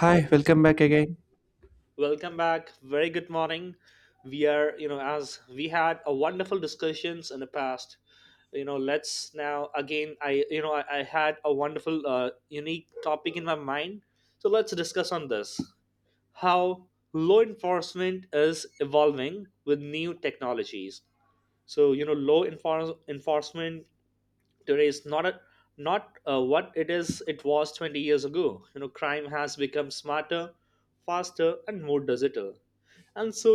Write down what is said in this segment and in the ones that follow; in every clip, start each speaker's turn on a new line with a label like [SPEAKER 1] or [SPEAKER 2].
[SPEAKER 1] Hi, welcome back again.
[SPEAKER 2] Welcome back. Very good morning. We are, as we had a wonderful discussions in the past, let's now again. I, you know, I had a wonderful, unique topic in my mind. So let's discuss on this: how law enforcement is evolving with new technologies. So you know, enforcement today is not a, not what it is it was 20 years ago. You know, crime has become smarter, faster, and more digital. And so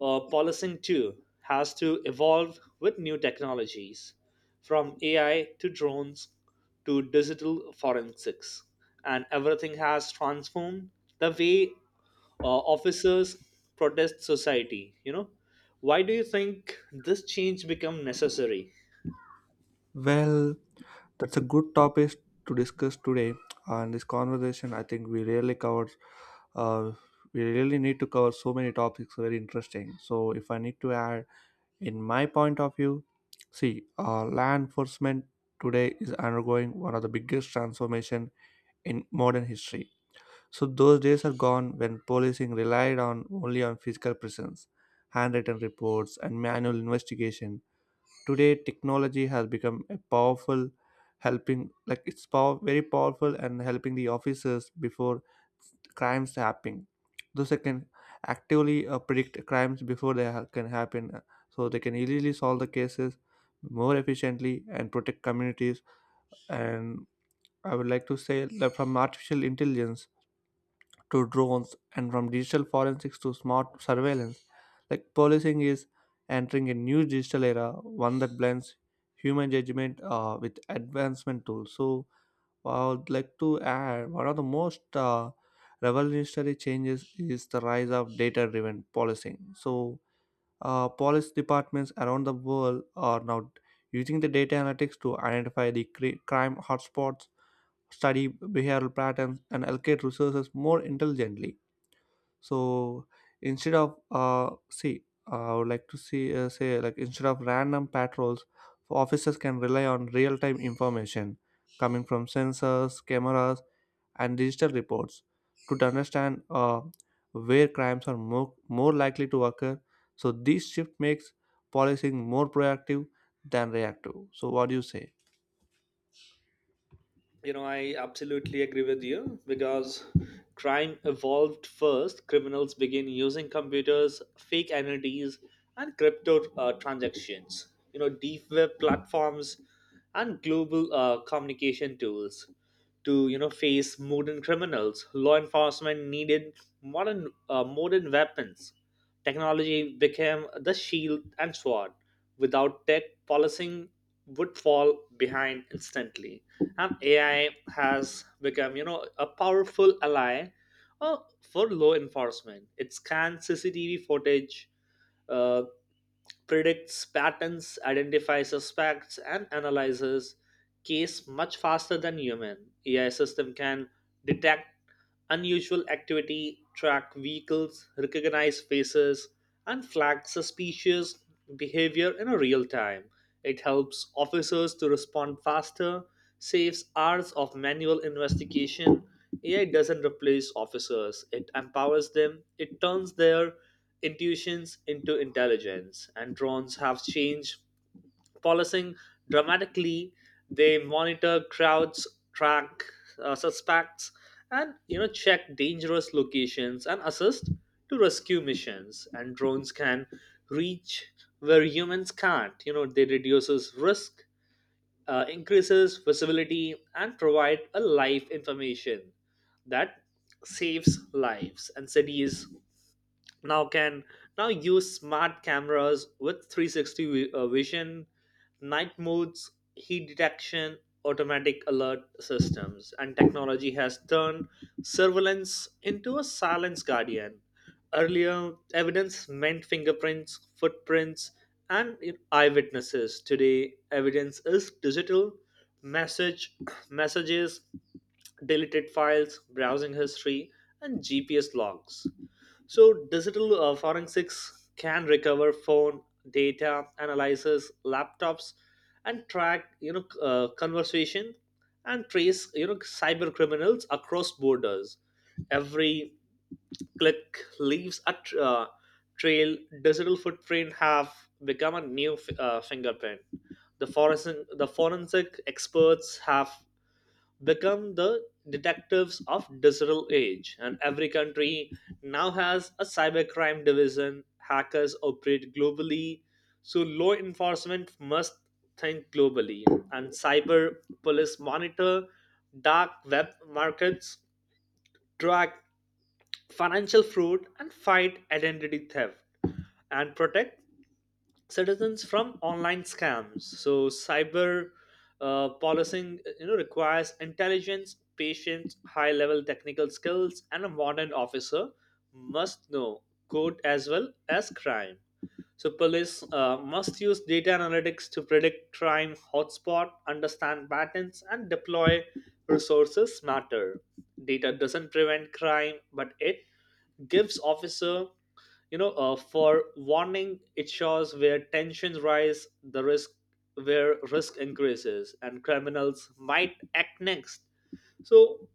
[SPEAKER 2] policing too has to evolve with new technologies, from AI to drones to digital forensics, and everything has transformed the way officers protest society. You know, why do you think this change become necessary?
[SPEAKER 1] Well, that's a good topic to discuss today. And this conversation, I think we really covered, uh, we really need to cover so many topics, very interesting. So, if I need to add, in my point of view, see, law enforcement today is undergoing one of the biggest transformation in modern history. So, those days are gone when policing relied on only on physical presence, handwritten reports, and manual investigation. Today technology has become a powerful helping, like it's power, very powerful and helping the officers before crimes happen, those that can actively predict crimes before can happen, so they can easily solve the cases more efficiently and protect communities. And I would like to say that from artificial intelligence to drones and from digital forensics to smart surveillance. Like, policing is entering a new digital era, one that blends human judgment with advancement tools. So I would like to add, one of the most revolutionary changes is the rise of data-driven policing. So police departments around the world are now using the data analytics to identify crime hotspots, study behavioral patterns, and allocate resources more intelligently. So instead of see I would like to see say like instead of random patrols, officers can rely on real-time information coming from sensors, cameras, and digital reports to understand where crimes are more likely to occur. So this shift makes policing more proactive than reactive. So what do you say?
[SPEAKER 2] You know, I absolutely agree with you because crime evolved first. Criminals begin using computers, fake entities, and crypto transactions. You know, deep web platforms and global communication tools to, you know, face modern criminals. Law enforcement needed modern weapons. Technology became the shield and sword. Without tech, policing would fall behind instantly. And AI has become, you know, a powerful ally for law enforcement. It scans CCTV footage, uh, predicts patterns, identifies suspects, and analyzes case much faster than human. AI system can detect unusual activity, track vehicles, recognize faces, and flag suspicious behavior in a real time. It helps officers to respond faster, saves hours of manual investigation. AI doesn't replace officers, it empowers them, it turns their intuitions into intelligence. And drones have changed policing dramatically. They monitor crowds, track suspects, and, you know, check dangerous locations and assist to rescue missions. And drones can reach where humans can't. You know, they reduces risk, increases visibility, and provide a live information that saves lives. And cities now can now use smart cameras with 360 vision, night modes, heat detection, automatic alert systems, and technology has turned surveillance into a silence guardian. Earlier evidence meant fingerprints, footprints, and, you know, eyewitnesses. Today evidence is digital: message messages deleted files, browsing history, and GPS logs. So digital forensics can recover phone data, analyzes laptops, and track, you know, conversation, and trace, you know, cyber criminals across borders. Every click leaves a trail. Digital footprint have become a new fingerprint. The forensic experts have become the detectives of digital age. And every country now has a cybercrime division. Hackers operate globally, so law enforcement must think globally. And cyber police monitor dark web markets, track financial fraud, and fight identity theft, and protect citizens from online scams. So cyber policing, requires intelligence, patience, high-level technical skills, and a modern officer must know code as well as crime. So police must use data analytics to predict crime hotspot, understand patterns, and deploy resources smarter. Data doesn't prevent crime, but it gives officer, for warning. It shows where tensions rise, the risk, where risk increases and criminals might act next. So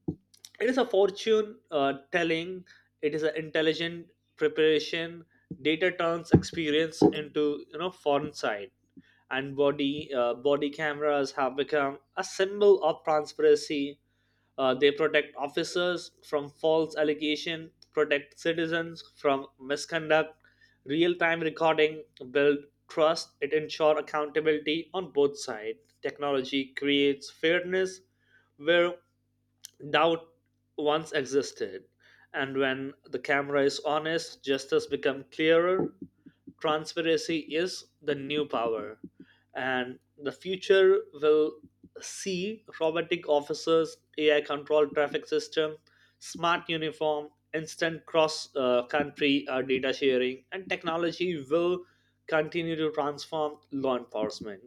[SPEAKER 2] it is a fortune telling, it is an intelligent preparation. Data turns experience into, you know, foreign side. And body cameras have become a symbol of transparency. They protect officers from false allegation, protect citizens from misconduct, real-time recording, build trust, it ensure accountability on both sides. Technology creates fairness where doubt once existed. And when the camera is honest, justice become clearer. Transparency is the new power. And the future will see robotic officers, ai controlled traffic system, smart uniform, instant cross country data sharing, and technology will continue to transform law enforcement,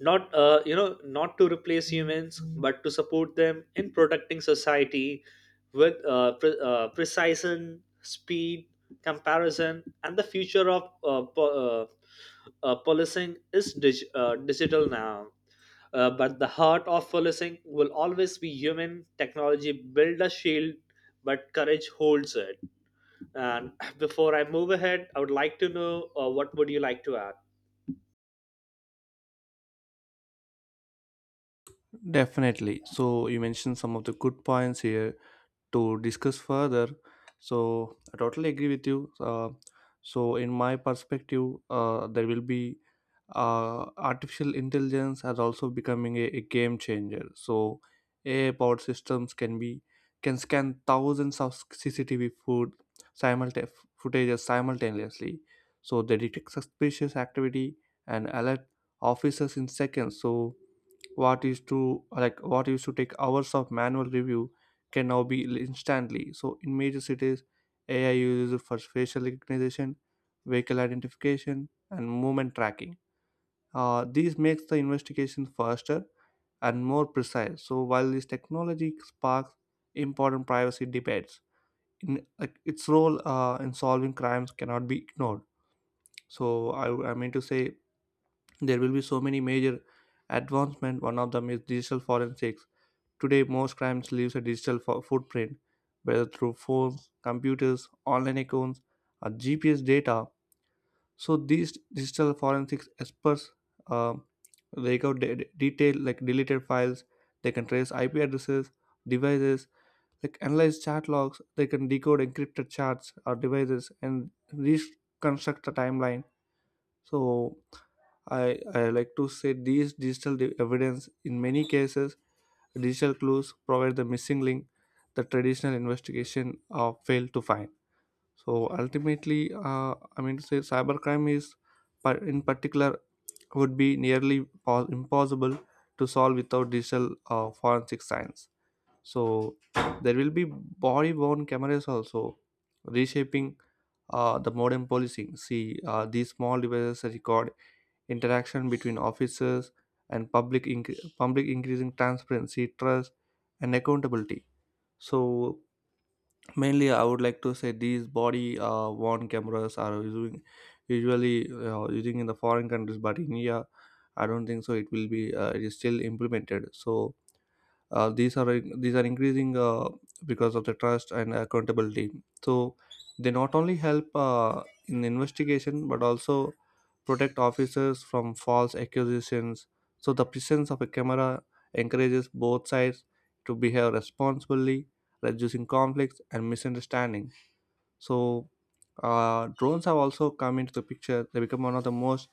[SPEAKER 2] not you know not to replace humans but to support them in protecting society with precision, speed, comparison. And the future of policing is digital now, but the heart of policing will always be human. Technology build a shield, but courage holds it. And before I move ahead, I would like to know, what would you like to add?
[SPEAKER 1] Definitely. So you mentioned some of the good points here to discuss further. So I totally agree with you. So in my perspective, there will be artificial intelligence has also becoming a game changer. So AI powered systems can scan thousands of CCTV food simulta- footages simultaneously. So they detect suspicious activity and alert officers in seconds. So what used to take hours of manual review can now be instantly. So in major cities, AI uses it for facial recognition, vehicle identification, and movement tracking. These makes the investigation faster and more precise. So while this technology sparks important privacy debates, its role in solving crimes cannot be ignored. So I mean to say, there will be so many major advancement. One of them is digital forensics. Today, most crimes leaves a digital footprint, whether through phones, computers, online accounts, or GPS data. So these digital forensics experts uh, rake out detail like deleted files. They can trace IP addresses, devices, like analyze chat logs. They can decode encrypted chats or devices and reconstruct the timeline. So I like to say these digital evidence in many cases. Digital clues provide the missing link the traditional investigation failed to find. So ultimately, I mean to say, cybercrime is, in particular, would be nearly impossible to solve without digital forensic science. So there will be body-worn cameras also reshaping the modern policing. See, these small devices record interaction between officers and public, increasing transparency, trust, and accountability. So mainly, I would like to say these body worn cameras are using, usually using in the foreign countries, but in India, I don't think so it will be it is still implemented. So these are these are increasing because of the trust and accountability. So they not only help in investigation but also protect officers from false accusations. So the presence of a camera encourages both sides to behave responsibly, reducing conflicts and misunderstanding. So drones have also come into the picture. They become one of the most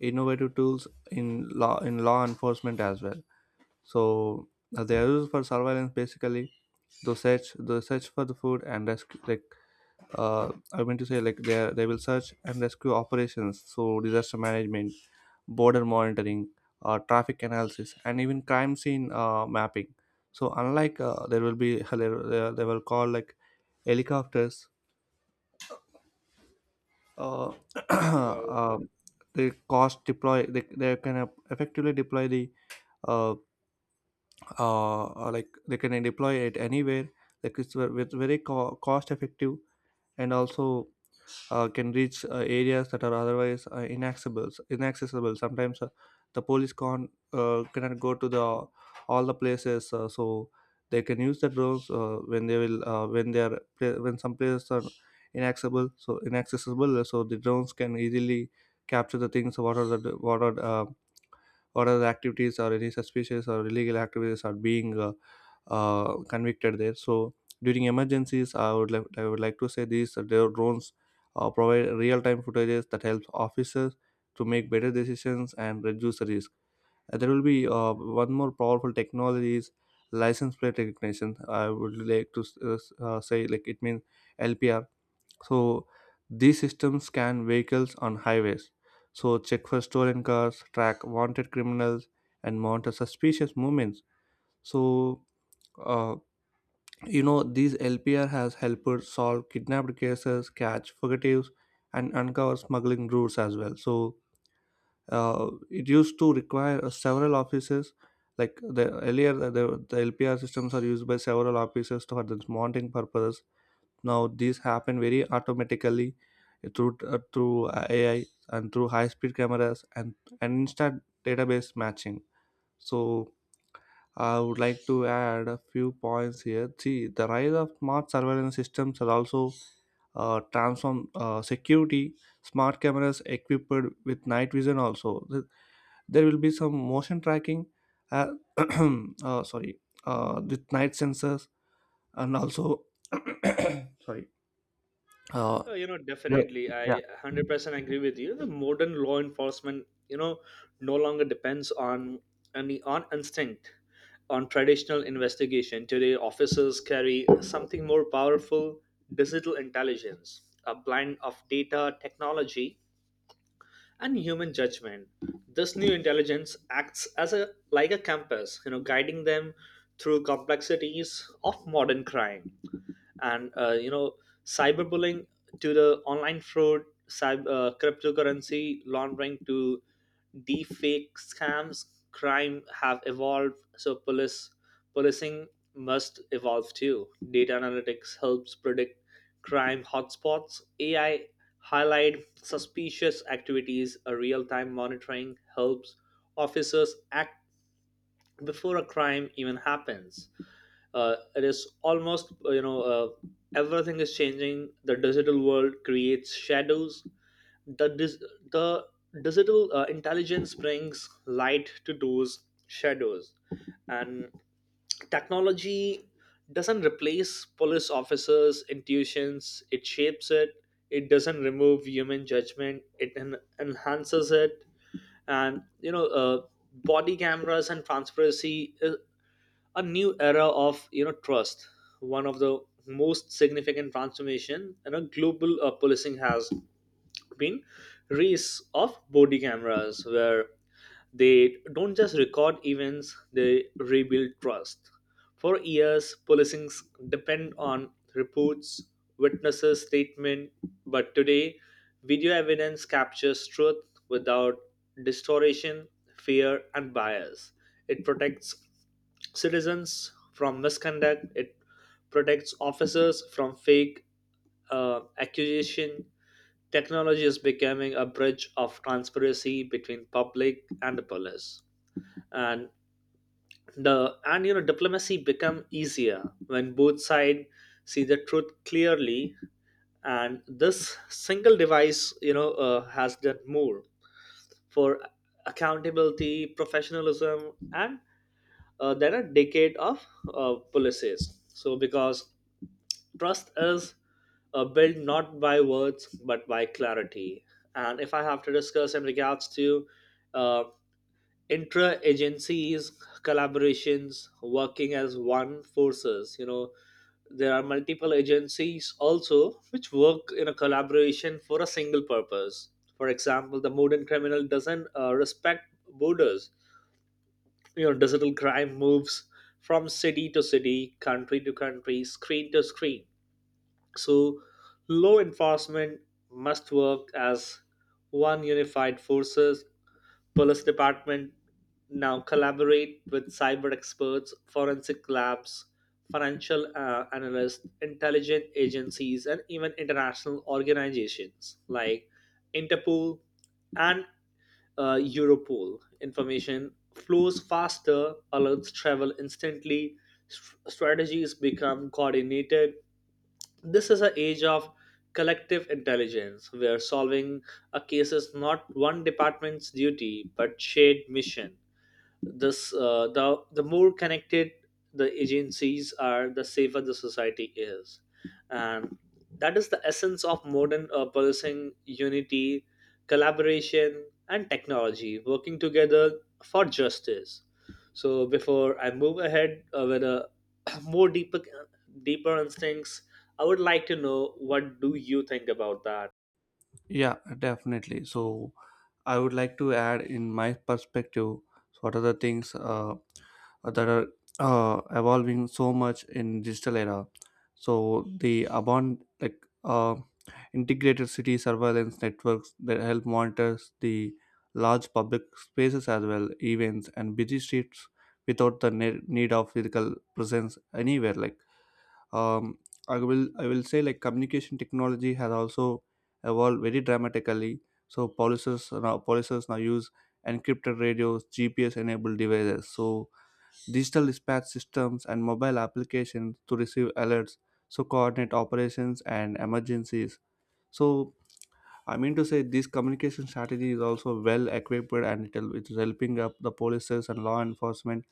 [SPEAKER 1] innovative tools in law enforcement as well. So they are used for surveillance basically. They search for the food and rescue. Like I mean to say, like they will search and rescue operations. So disaster management, border monitoring, traffic analysis, and even crime scene mapping. So unlike there will be they will call like helicopters. Uh, uh, they cost deploy. They can effectively deploy the uh, or like they can deploy it anywhere, like it's with very cost effective, and also can reach areas that are otherwise inaccessible. Sometimes the police can't cannot go to the all the places, so they can use the drones when they are when some places are inaccessible. So the drones can easily capture the things, what are the what are or other activities or any suspicious or illegal activities are being convicted there. So during emergencies, I would like to say these drones provide real-time footages that helps officers to make better decisions and reduce the risk. There will be one more powerful technology is license plate recognition. I would like to say like, it means LPR. So these systems scan vehicles on highways, so check for stolen cars, track wanted criminals, and monitor suspicious movements. So uh, you know, these LPR has helped solve kidnapped cases, catch fugitives, and uncover smuggling routes as well. So it used to require several offices. Like the earlier, the LPR systems are used by several officers for this monitoring purposes. Now these happen very automatically through AI and through high speed cameras and instant database matching. So I would like to add a few points here. See, the rise of smart surveillance systems has also transformed security. Smart cameras equipped with night vision also. There will be some motion tracking. Uh, sorry, with night sensors and also sorry. Uh,
[SPEAKER 2] Oh, you know, definitely. I
[SPEAKER 1] yeah.
[SPEAKER 2] 100% agree with you. The modern law enforcement, you know, no longer depends on any on instinct, on traditional investigation. Today, officers carry something more powerful: digital intelligence, a blend of data, technology, and human judgment. This new intelligence acts as a like a compass, you know, guiding them through complexities of modern crime, and, you know, cyberbullying, to the online fraud, cyber, cryptocurrency laundering, to deep fake scams. Crime have evolved, so police policing must evolve too. Data analytics helps predict crime hotspots, ai highlight suspicious activities, a real-time monitoring helps officers act before a crime even happens. It is almost you know Everything is changing. The digital world creates shadows. The dis- the digital intelligence brings light to those shadows. And technology doesn't replace police officers intuitions, it shapes it. It doesn't remove human judgment, it enhances it. And, you know, body cameras and transparency is a new era of, you know, trust. One of the most significant transformation, you know, global policing has been race of body cameras, where they don't just record events, they rebuild trust. For years, policing depend on reports, witnesses statement, but today video evidence captures truth without distortion, fear, and bias. It protects citizens from misconduct, it protects officers from fake accusation. Technology is becoming a bridge of transparency between public and the police. And the and you know, diplomacy become easier when both sides see the truth clearly. And this single device, you know, has done more for accountability, professionalism, and, then a decade of policies, so because trust is built not by words but by clarity. And if I have to discuss in regards to, uh, intra agencies, collaborations, working as one forces, you know, there are multiple agencies also which work in a collaboration for a single purpose. For example, the modern criminal doesn't respect borders. You know, digital crime moves from city to city, country to country, screen to screen. So law enforcement must work as one unified forces. Police department now collaborate with cyber experts, forensic labs, financial analysts, intelligence agencies, and even international organizations like Interpol and, Europol. Information flows faster, alerts travel instantly, strategies become coordinated. This is an age of collective intelligence where solving a case is not one department's duty but shared mission. This uh, the the more connected the agencies are, the safer the society is. And that is the essence of modern policing: unity, collaboration, and technology working together for justice. So before I move ahead, with a more deeper deeper instincts, I would like to know, what do you think about that?
[SPEAKER 1] Yeah, definitely. So, I would like to add in my perspective, so what are the things that are evolving so much in digital era. So the abon, integrated city surveillance networks that help monitors the large public spaces as well, events and busy streets without the need of physical presence anywhere. Like um, I will say, like, communication technology has also evolved very dramatically. So policies now use encrypted radios, GPS enabled devices, so digital dispatch systems and mobile applications to receive alerts, so coordinate operations and emergencies. So I mean to say, this communication strategy is also well equipped, and it is helping up the policies and law enforcement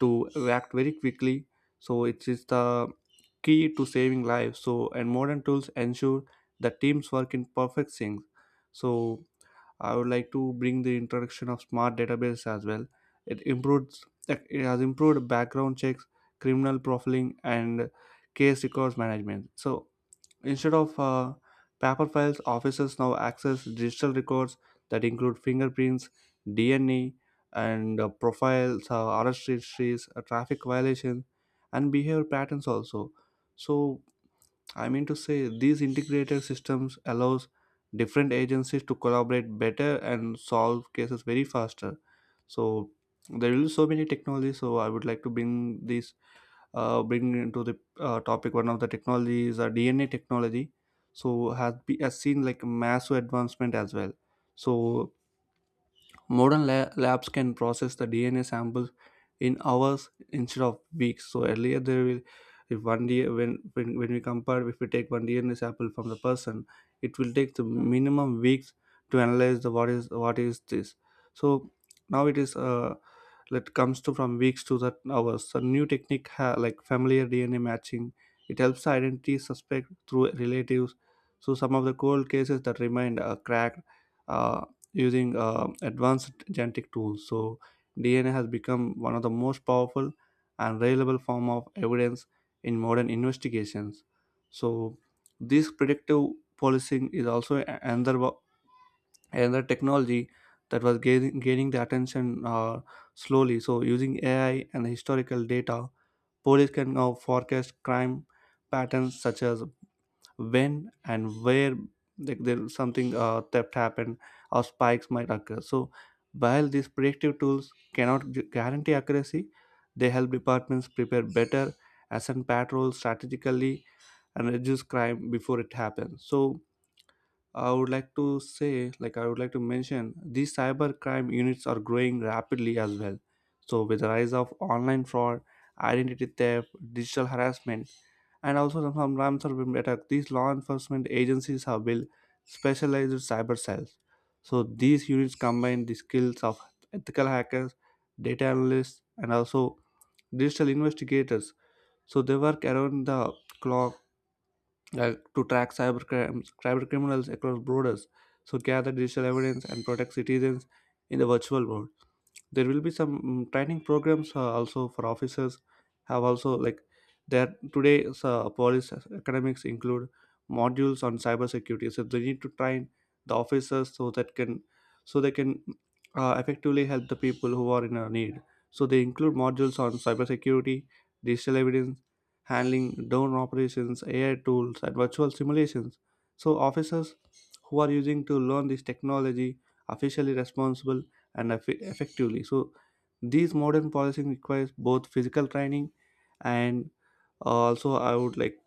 [SPEAKER 1] to react very quickly. So it is the key to saving lives. So and modern tools ensure that teams work in perfect sync. So I would like to bring the introduction of smart database as well. It has improved background checks, criminal profiling, and case records management. So instead of paper files, officers now access digital records that include fingerprints, DNA, and profiles, arrest histories, traffic violations, and behavior patterns also. So I mean to say, these integrated systems allows different agencies to collaborate better and solve cases very faster. So there will be so many technologies. So I would like to bring these bring into the topic one of the technologies, DNA technology, so has seen like massive advancement as well. So modern labs can process the DNA samples in hours instead of weeks. So earlier there will, if one day when we compare, if we take one DNA sample from the person, it will take the minimum weeks to analyze the what is this. So now it is that comes to from weeks to that hours. So new technique like familiar DNA matching. It helps identity suspect through relatives. So some of the cold cases that remained cracked uh, using advanced genetic tools. So DNA has become one of the most powerful and reliable form of evidence in modern investigations. So this predictive policing is also another another technology that was gaining the attention slowly. So using AI and historical data, police can now forecast crime patterns, such as when and where, like there something theft happened or spikes might occur. So while these predictive tools cannot guarantee accuracy, they help departments prepare better, assign patrols strategically, and reduce crime before it happens. So I would like to mention, these cyber crime units are growing rapidly as well. So with the rise of online fraud, identity theft, digital harassment, and also some RAM attack. These law enforcement agencies have built specialized cyber cells. So these units combine the skills of ethical hackers, data analysts, and also digital investigators. So they work around the clock to track cyber crimes, cyber criminals across borders. So gather digital evidence and protect citizens in the virtual world. There will be some training programs also for officers have also like there today's police academics include modules on cybersecurity. So they need to train the officers so they can effectively help the people who are in a need. So they include modules on cybersecurity, digital evidence handling, drone operations, AI tools, and virtual simulations. So officers who are using to learn this technology officially responsible and effectively. So these modern policing requires both physical training and, also, I would like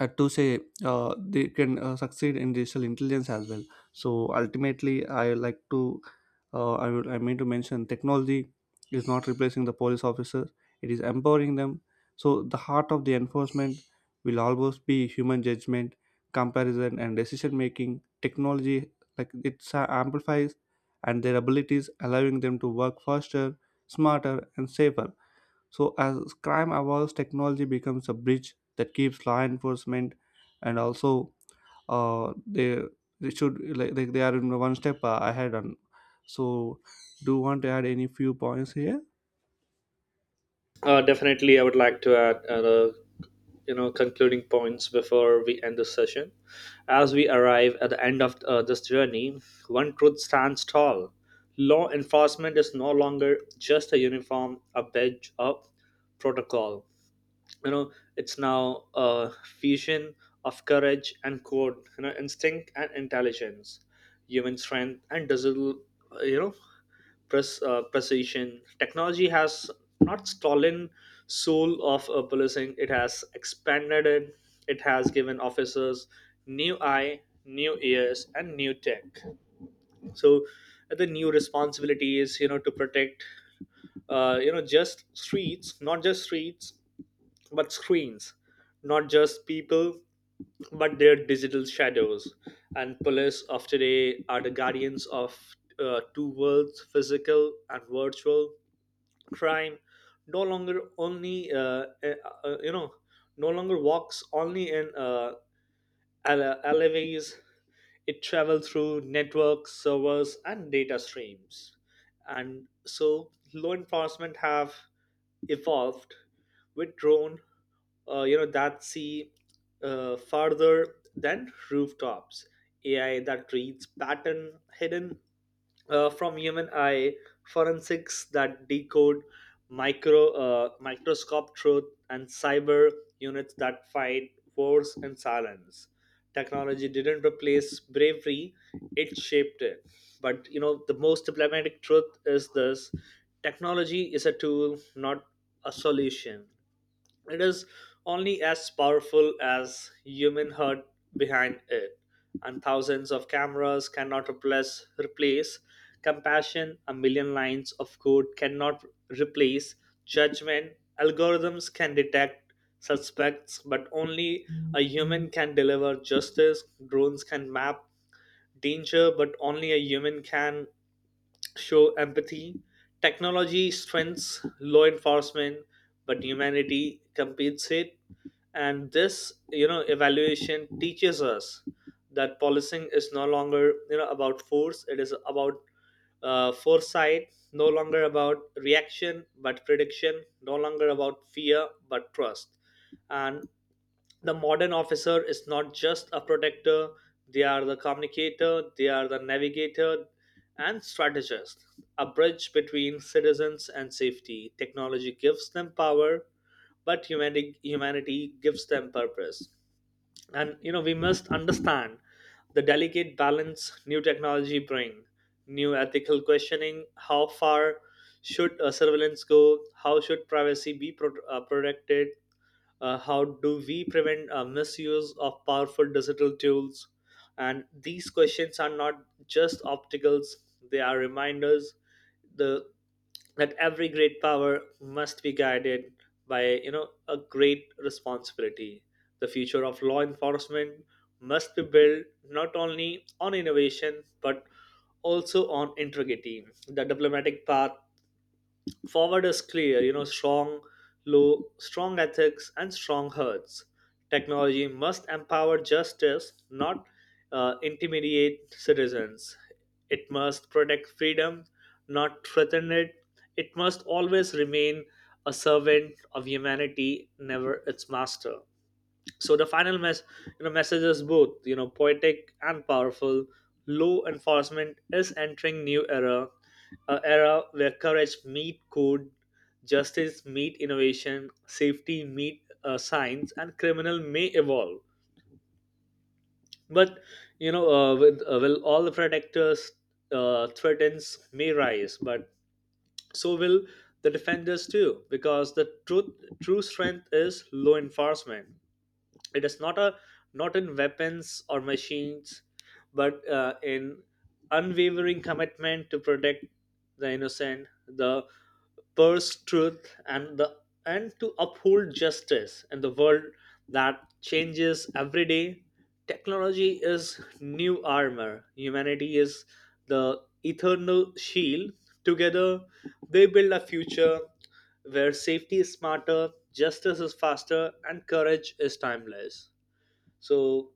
[SPEAKER 1] to say, they can succeed in digital intelligence as well. So ultimately, I like to I would I mean to mention, technology is not replacing the police officers, it is empowering them. So the heart of the enforcement will always be human judgment, comparison, and decision making. Technology, like, it amplifies and their abilities, allowing them to work faster, smarter, and safer. So, as crime evolves, technology becomes a bridge that keeps law enforcement. And also, uh, they they should like they are in one step ahead. And so, do you want to add any few points here?
[SPEAKER 2] Definitely, I would like to add, you know, concluding points before we end this session. As we arrive at the end of this journey, one truth stands tall: law enforcement is no longer just a uniform, a badge, a protocol. You know, it's now a fusion of courage and code, you know, instinct and intelligence, human strength and digital, uh, you know, precision. Technology has not stolen soul of policing. It has expanded it. It has given officers new eye, new ears, and new tech. So the new responsibilities, you know, to protect, not just streets, but screens, not just people, but their digital shadows. And police of today are the guardians of two worlds, physical and virtual. Crime no longer only you know no longer walks only in, alleyways. It travels through networks, servers, and data streams. And so law enforcement have evolved with drone that see farther than rooftops, ai that reads pattern hidden from human eye, forensics that decode microscope truth, and cyber units that fight wars in silence. Technology didn't replace bravery, it shaped it. But, you know, the most diplomatic truth is this: technology is a tool, not a solution. It is only as powerful as human heart behind it, and thousands of cameras cannot replace compassion. A million lines of code cannot replace judgment. Algorithms can detect suspects, but only a human can deliver justice. Drones can map danger, but only a human can show empathy. Technology strengthens law enforcement, but humanity competes it. And this, you know, evaluation teaches us that policing is no longer, you know, about force, it is about foresight, no longer about reaction but prediction, no longer about fear but trust. And the modern officer is not just a protector, they are the communicator, they are the navigator and strategist, a bridge between citizens and safety. Technology gives them power, but humanity gives them purpose. And, you know, we must understand the delicate balance new technology bring, new ethical questioning: how far should surveillance go, how should privacy be protected, how do we prevent misuse of powerful digital tools. And these questions are not just obstacles, they are reminders, the, that every great power must be guided by, you know, a great responsibility. The future of law enforcement must be built not only on innovation but also on integrity. The diplomatic path forward is clear, you know: strong, low, strong ethics, and strong hearts. Technology must empower justice, not intimidate citizens. It must protect freedom, not threaten it. It must always remain a servant of humanity, never its master. So the final message is both, you know, poetic and powerful. Law enforcement is entering new era, a era where courage meet code, justice meet innovation, safety meet science, and criminal may evolve. But, you know, with will all the protectors, threatens may rise, but so will the defenders too, because the truth, true strength is law enforcement, it is not a, not in weapons or machines, but in unwavering commitment to protect the innocent, the, purse truth, and the and to uphold justice in the world that changes every day. Technology is new armor, humanity is the eternal shield. Together they build a future where safety is smarter, justice is faster, and courage is timeless. So,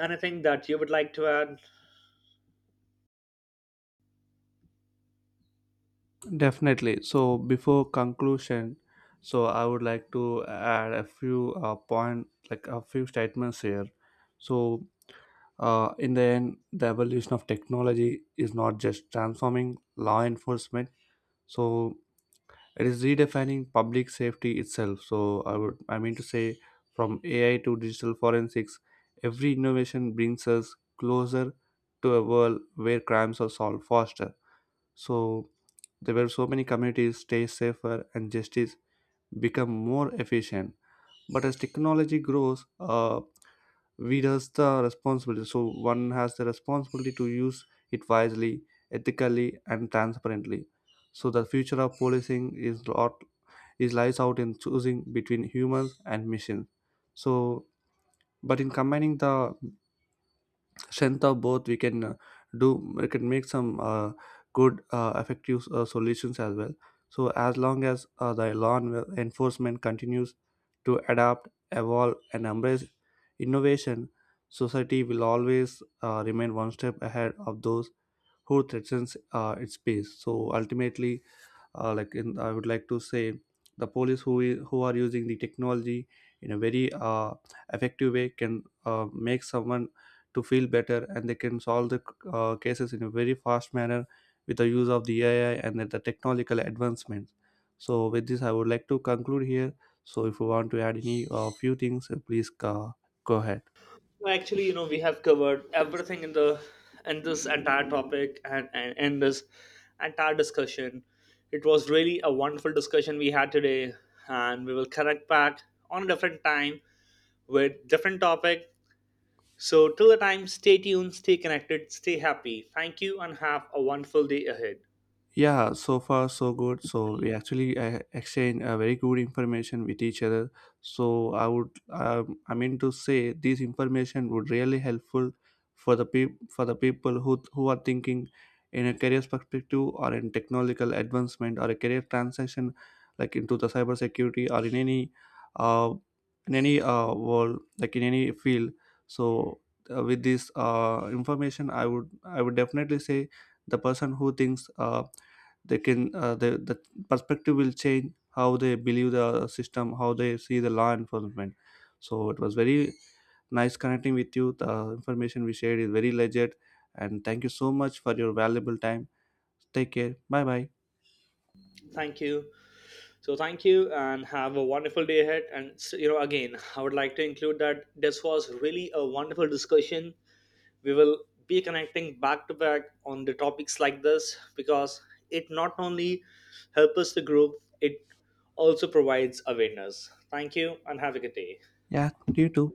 [SPEAKER 2] anything that you would like to add?
[SPEAKER 1] Definitely. So, before conclusion, so I would like to add a few point, like, a few statements here. So, in the end, the evolution of technology is not just transforming law enforcement. So it is redefining public safety itself. So I mean to say, from AI to digital forensics, every innovation brings us closer to a world where crimes are solved faster. So there were so many communities stay safer, and justice become more efficient. But as technology grows, we does the responsibility. So one has the responsibility to use it wisely, ethically, and transparently. So the future of policing is lot is lies out in choosing between humans and machines. So but in combining the strength of both, do we can make some good, effective solutions as well. So as long as the law enforcement continues to adapt, evolve, and embrace innovation, society will always remain one step ahead of those who threatens its peace. So ultimately, I would like to say, the police who are using the technology in a very uh, effective way can make someone to feel better, and they can solve the cases in a very fast manner with the use of the AI and the technological advancements. So with this, I would like to conclude here. So if you want to add any few things, please, go ahead.
[SPEAKER 2] Actually, you know, we have covered everything in the, in this entire topic, and in this entire discussion. It was really a wonderful discussion we had today, and we will connect back on a different time with different topic. So, till the time, stay tuned, stay connected, stay happy. Thank you, and have a wonderful day ahead.
[SPEAKER 1] Yeah, so far so good. So we actually exchange very good information with each other. So I would, I mean to say, this information would really helpful for the people who are thinking in a career perspective, or in technological advancement, or a career transition, like into the cybersecurity, or uh, in any world, like in any field. So, with this information, I would definitely say the person who thinks they can, the perspective will change, how they believe the system, how they see the law enforcement. So it was very nice connecting with you. The information we shared is very legit, and thank you so much for your valuable time. Take care. Bye bye.
[SPEAKER 2] Thank you. So thank you and have a wonderful day ahead. And you know, again, I would like to include that this was really a wonderful discussion. We will be connecting back to back on the topics like this because it not only helps us to grow, it also provides awareness. Thank you and have a good day.
[SPEAKER 1] Yeah, you too.